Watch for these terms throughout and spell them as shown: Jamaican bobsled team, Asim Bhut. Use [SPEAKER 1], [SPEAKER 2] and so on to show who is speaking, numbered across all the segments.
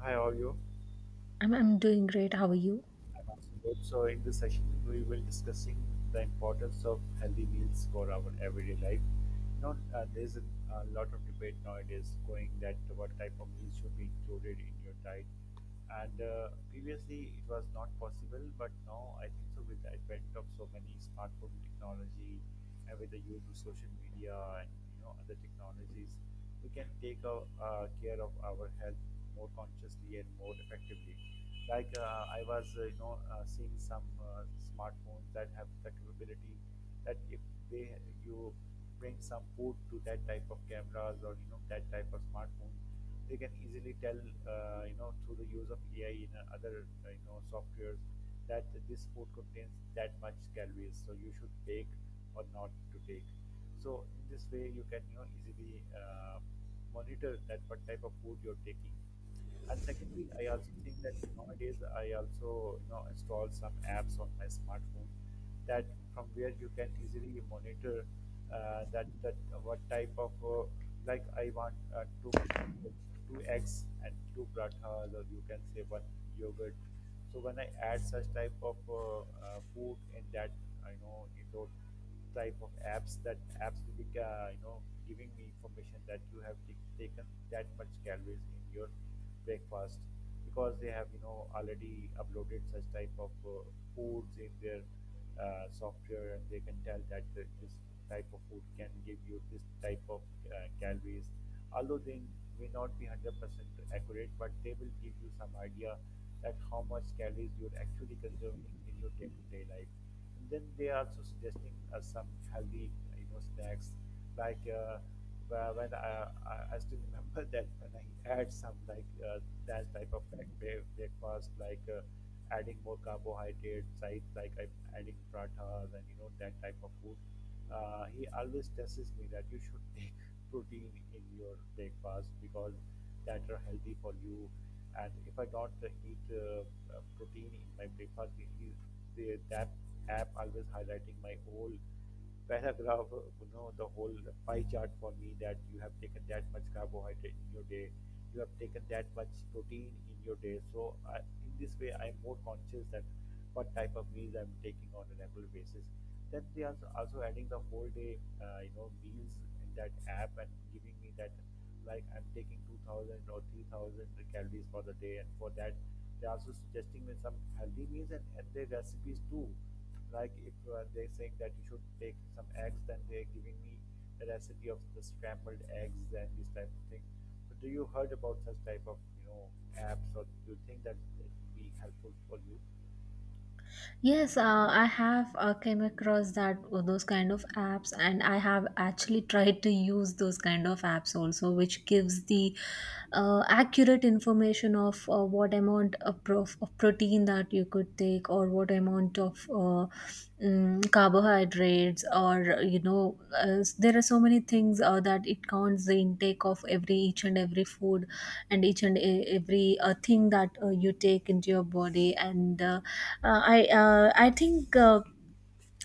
[SPEAKER 1] Hi, all you.
[SPEAKER 2] I'm doing great. How are you?
[SPEAKER 1] I'm Asim Bhut. So, in this session, we will discussing the importance of healthy meals for our everyday life. There's a lot of debate nowadays going that what type of meals should be included in your diet. And previously, it was not possible, but now I think so. With the advent of so many smartphone technology, and with the use of social media and other technologies, we can take our, care of our health more consciously and more effectively. Like I was seeing some smartphones that have the capability that if they you bring some food to that type of cameras or that type of smartphone, they can easily tell through the use of AI in other softwares that this food contains that much calories, so you should take or not to take. So in this way, you can easily monitor that what type of food you're taking. And secondly, I also think that nowadays I also install some apps on my smartphone that from where you can easily monitor that that what type of like I want uh, two eggs and two prathas or you can say one yogurt. So when I add such type of food in that I know in those type of apps that apps absolutely giving me information that you have taken that much calories in your breakfast because they have already uploaded such type of foods in their software and they can tell that this type of food can give you this type of calories although they may not be 100% accurate but they will give you some idea that how much calories you're actually consuming in your day-to-day life, and then they are also suggesting us some healthy, you know, snacks. Like when I still remember that when I had some like that type of like breakfast, like adding more carbohydrates, like I'm adding pratas and that type of food. He always tests me that you should take protein in your breakfast because that are healthy for you, and if I don't eat protein in my breakfast, it is that app always highlighting my whole paragraph, you know, the whole pie chart for me, that you have taken that much carbohydrate in your day, you have taken that much protein in your day. So I, in this way, I am more conscious that what type of meals I'm taking on a regular basis. Then they are also adding the whole day, you know, meals in that app and giving me that like I'm taking 2000 or 3000 calories for the day, and for that they're also suggesting me some healthy meals and their recipes too. Like if they're saying that you should take some eggs, then they're giving me the recipe of the scrambled eggs and this type of thing. So do you heard about such type of apps, or do you think that it would be helpful for you?
[SPEAKER 2] Yes, I have came across that those kind of apps, and I have actually tried to use those kind of apps also, which gives the accurate information of what amount of, of protein that you could take, or what amount of carbohydrates or there are so many things that it counts the intake of every each and every food and each and every thing that you take into your body and I think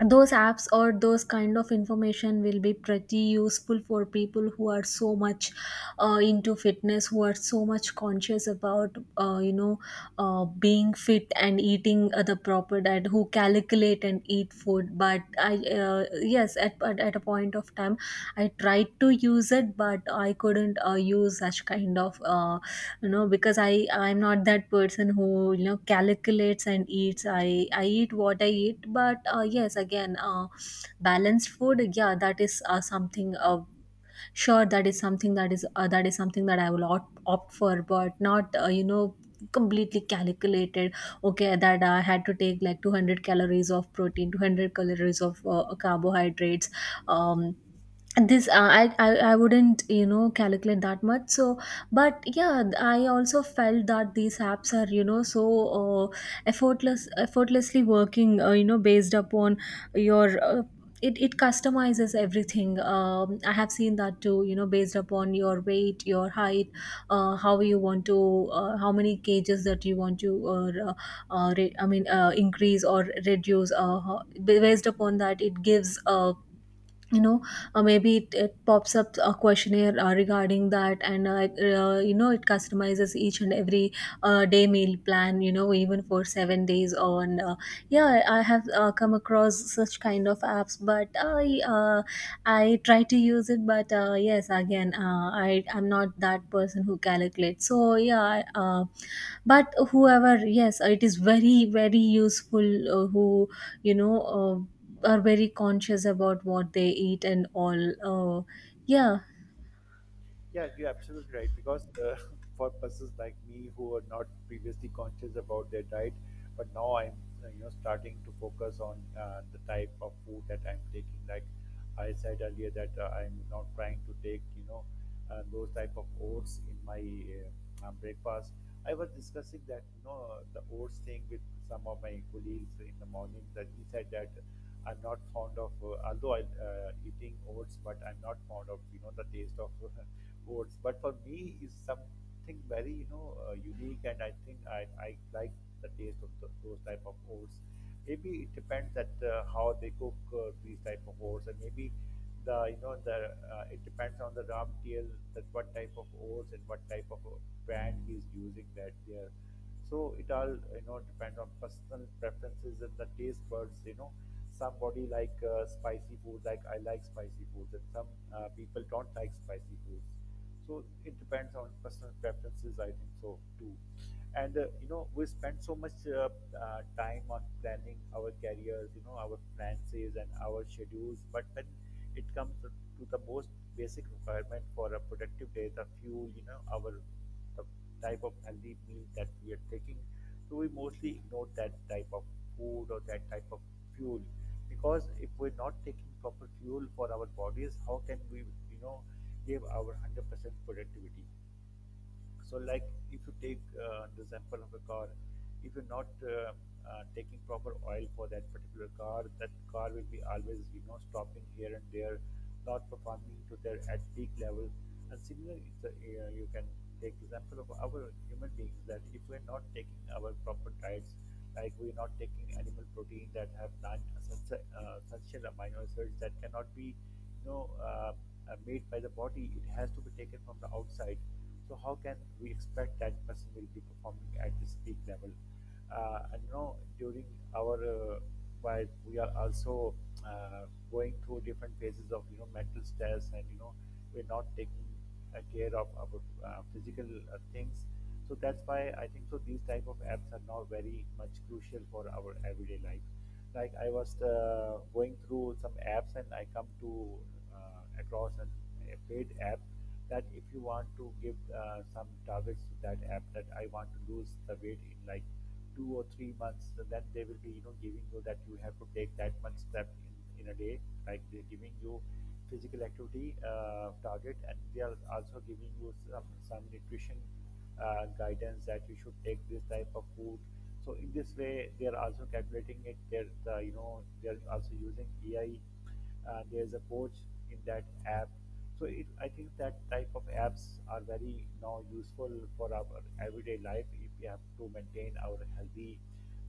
[SPEAKER 2] those apps or those kind of information will be pretty useful for people who are so much into fitness, who are so much conscious about being fit and eating the proper diet, who calculate and eat food. But I yes, at a point of time I tried to use it, but I couldn't use such kind of you know, because I'm not that person who, you know, calculates and eats. I eat what I eat. But yes, again, balanced food, yeah, that is something, sure, that is something, that is something that I will opt for, but not you know, completely calculated. Okay, that I had to take like 200 calories of protein, 200 calories of carbohydrates. Um this uh, I, I i wouldn't, you know, calculate that much. So but yeah, I also felt that these apps are, you know, so uh, effortlessly working, you know, based upon your it, it customizes everything. I have seen that too, you know, based upon your weight, your height, how you want to, how many cages that you want to, increase or reduce, based upon that it gives, you know maybe it pops up a questionnaire regarding that. And like, you know, it customizes each and every day meal plan, you know, even for 7 days on yeah, I have come across such kind of apps, but I try to use it. But yes, again, I'm not that person who calculates. So yeah, but whoever, yes, it is very, very useful, who, you know, are very conscious about what they eat and all. Yeah,
[SPEAKER 1] Yeah, you're absolutely right. Because for persons like me who are not previously conscious about their diet, but now I'm starting to focus on the type of food that I'm taking. Like I said earlier, that I'm not trying to take those type of oats in my breakfast. I was discussing that the oats thing with some of my colleagues in the morning. That he said that. I'm not fond of, although I eating oats, but I'm not fond of the taste of oats. But for me, is something very unique, and I think I like the taste of those type of oats. Maybe it depends that how they cook these type of oats, and maybe the you know the it depends on the raw material that what type of oats and what type of brand he's using that they're. So it all depend on personal preferences and the taste buds. You know, somebody like spicy food, like I like spicy foods, and some people don't like spicy foods. So it depends on personal preferences. I think so too. And you know, we spend so much time on planning our careers, you know, our finances and our schedules. But when it comes to the most basic requirement for a productive day, the fuel, you know, our the type of healthy meal that we are taking. So we mostly ignore that type of food or that type of fuel, because if we're not taking proper fuel for our bodies, how can we, you know, give our 100% productivity? So, like if you take the example of a car, if you're not taking proper oil for that particular car, that car will be always, you know, stopping here and there, not performing to their at peak level. And similarly, you can take example of our human beings that if we're not taking our proper diets, like we're not taking animal protein that have non essential amino acids that cannot be, you know, made by the body, it has to be taken from the outside, so how can we expect that person will be performing at this peak level? And you know, during our while we are also going through different phases of mental stress, and we're not taking care of our physical things. So that's why I think so these type of apps are now very much crucial for our everyday life. Like I was going through some apps, and I come to across a paid app that if you want to give some targets to that app that I want to lose the weight in like 2 or 3 months, so then they will be giving you that you have to take that much step in a day, like they're giving you physical activity target, and they are also giving you some nutrition guidance that you should take this type of food. So in this way, they are also calculating it. They're they're also using AI, there's a coach in that app, so I think that type of apps are very now useful for our everyday life if we have to maintain our healthy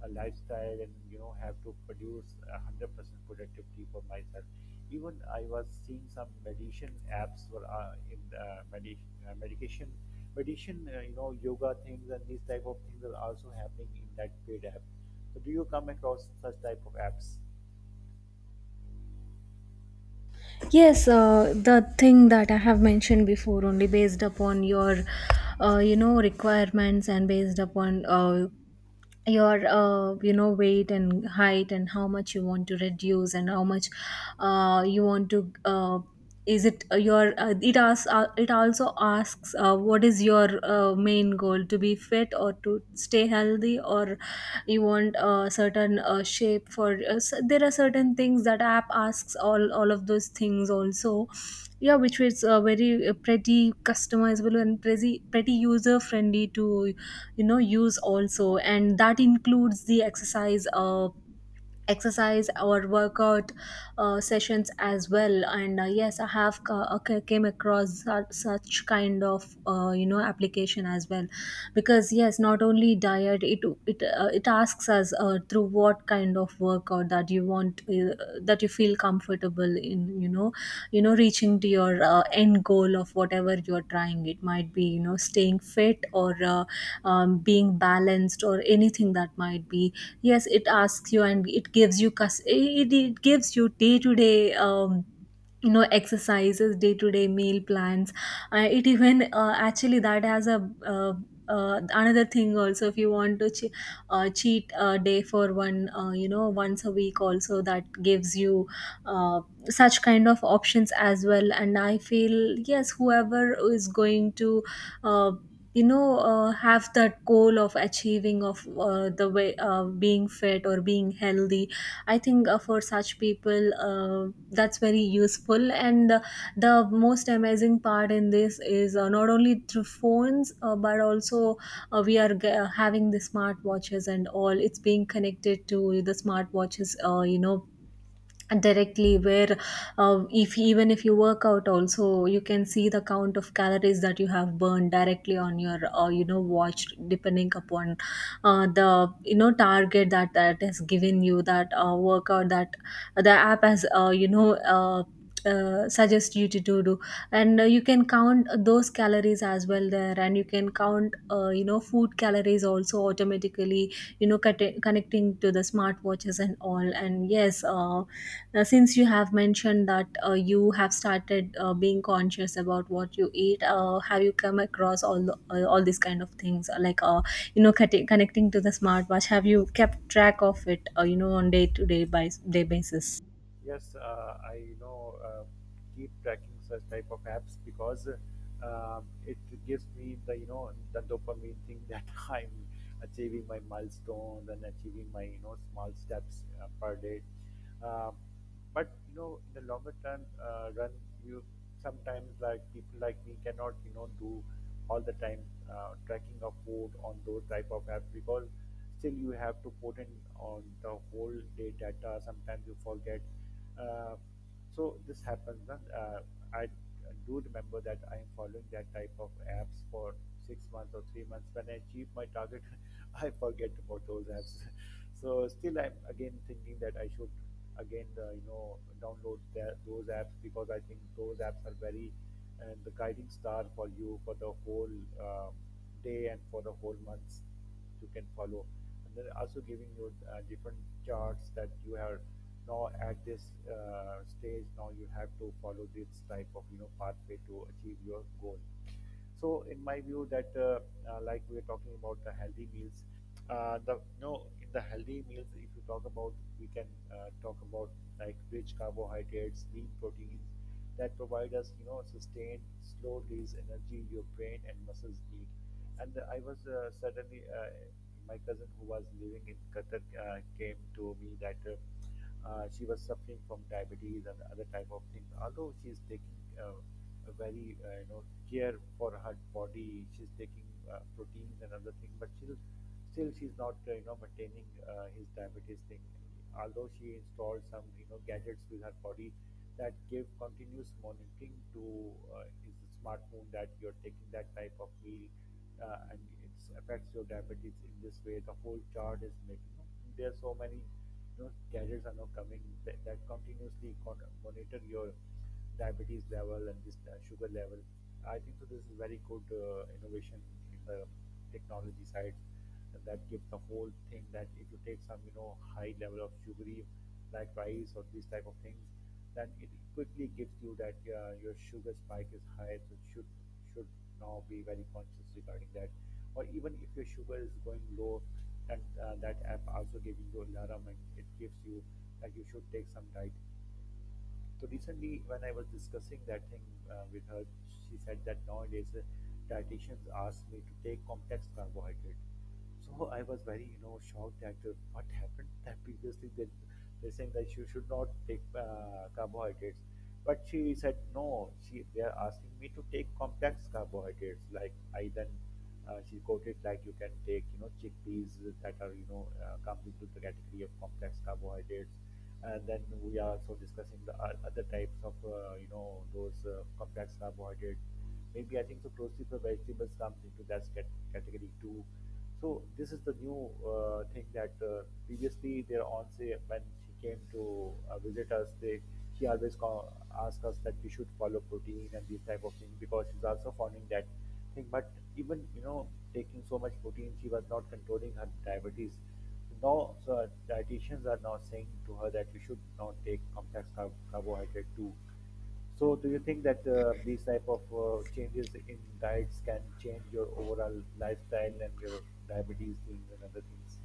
[SPEAKER 1] lifestyle, and you know have to produce 100% productivity for myself. Even I was seeing some meditation apps were in medi- medication meditation you know yoga things, and these type of things are also happening in that paid app. So do you come across such type of apps?
[SPEAKER 2] yes, the thing that I have mentioned before, only based upon your, you know, requirements, and based upon your you know, weight and height, and how much you want to reduce and how much you want to, is it your it also asks what is your main goal, to be fit or to stay healthy, or you want a certain shape for there are certain things that app asks, all of those things also. Yeah, which is very pretty customizable and pretty, pretty user friendly to, you know, use also. And that includes the exercise or workout sessions as well. And yes, I have came across such kind of you know, application as well. Because yes, not only diet, it asks us through what kind of workout that you want, that you feel comfortable in, you know, you know, reaching to your end goal of whatever you're trying. It might be, you know, staying fit or being balanced or anything that might be. Yes, it asks you, and it gives you it gives you day to day, you know, exercises, day to day meal plans. It even actually, that has a, another thing also, if you want to cheat a day for one, you know, once a week also, that gives you uh, such kind of options as well. And I feel, yes, whoever is going to, uh, have that goal of achieving of the way, being fit or being healthy, I think for such people, that's very useful. And the most amazing part in this is, not only through phones, but also, we are having the smart watches and all. It's being connected to the smart watches, you know, directly, where if, even if you work out also, you can see the count of calories that you have burned directly on your, you know, watch, depending upon the, you know, target that that has given you, that workout that the app has suggest you to do. And you can count those calories as well there, and you can count, you know, food calories also automatically, you know, connecting to the smartwatches and all. And yes, now, since you have mentioned that you have started being conscious about what you eat, have you come across all the, all these kind of things like, you know, connecting to the smartwatch? Have you kept track of it? You know, on day to day by day basis.
[SPEAKER 1] Yes, I keep tracking such type of apps because it gives me the the dopamine thing that I'm achieving my milestones and achieving my you know small steps per day. Um, but you know in the longer term run, you sometimes like people like me cannot do all the time tracking of food on those type of apps because still you have to put in on the whole day data, sometimes you forget. uh, so this happens na? I do remember that I am following that type of apps for 6 months or 3 months. When I achieve my target, I forget about those apps. So still I'm again thinking that I should again download those apps, because I think those apps are very and the guiding star for you for the whole, um, day and for the whole months you can follow, and then also giving you different charts that you are now at this stage now you have to follow this type of pathway to achieve your goal. So, in my view, that like we are talking about the healthy meals, the no in the healthy meals, if you talk about, we can talk about like rich carbohydrates, lean proteins, that provide us, you know, sustained, slow release energy your brain and muscles need. And I was suddenly, my cousin who was living in Qatar came to me that. She was suffering from diabetes and other type of things. Although she is taking a very care for her body, she's taking proteins and other things, but still she's not maintaining his diabetes thing. Although she installed some you know gadgets with her body that give continuous monitoring to his smartphone, that you're taking that type of meal and it affects your diabetes in this way. The whole chart is making. There are so many gadgets are now coming that, that continuously monitor your diabetes level and this sugar level. I think so this is very good innovation in the technology side, and that gives the whole thing that if you take some high level of sugary like rice or these type of things, then it quickly gives you that your sugar spike is high, so it should now be very conscious regarding that. Or even if your sugar is going low, that app also giving you alarm, and it gives you that you should take some diet. So recently, when I was discussing that thing with her, she said that nowadays dietitians ask me to take complex carbohydrate. So I was very, you know, shocked at what happened, that previously they they're saying that you should not take carbohydrates, but she said no. She they are asking me to take complex carbohydrates like iron, she quoted like you can take chickpeas that are comes into the category of complex carbohydrates, and then we are also discussing the other types of those complex carbohydrates. Maybe I think so. Closely for vegetables comes into that category too. So this is the new thing that previously their aunt say, when she came to visit us, they she always call, asked us that we should follow protein and these type of things because she's also following that thing. But even you know taking so much protein, she was not controlling her diabetes. Now so dietitians are now saying to her that you should not take complex carbohydrate too. So, do you think that these type of changes in diets can change your overall lifestyle and your diabetes things and other things?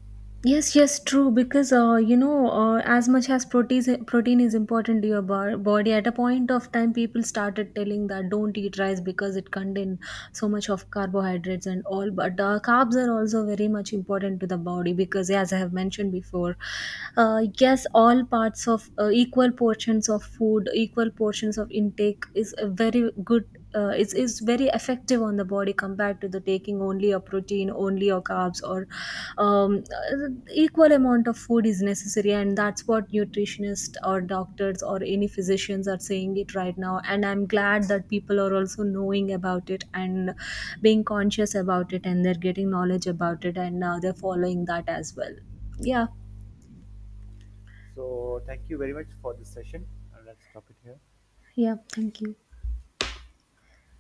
[SPEAKER 2] Yes, yes, true. Because you know, as much as protein is important to your body, at a point of time, people started telling that don't eat rice because it contains so much of carbohydrates and all. But carbs are also very much important to the body because, as I have mentioned before, yes, all parts of equal portions of food, equal portions of intake is a very good. Is very effective on the body compared to the taking only a protein, only a carbs, or um, uh, equal amount of food is necessary. And that's what nutritionists or doctors or any physicians are saying it right now, and I'm glad that people are also knowing about it and being conscious about it, and they're getting knowledge about it, and now they're following that as well. Yeah.
[SPEAKER 1] So, thank you very much for this session, and let's stop it here.
[SPEAKER 2] Yeah, thank you.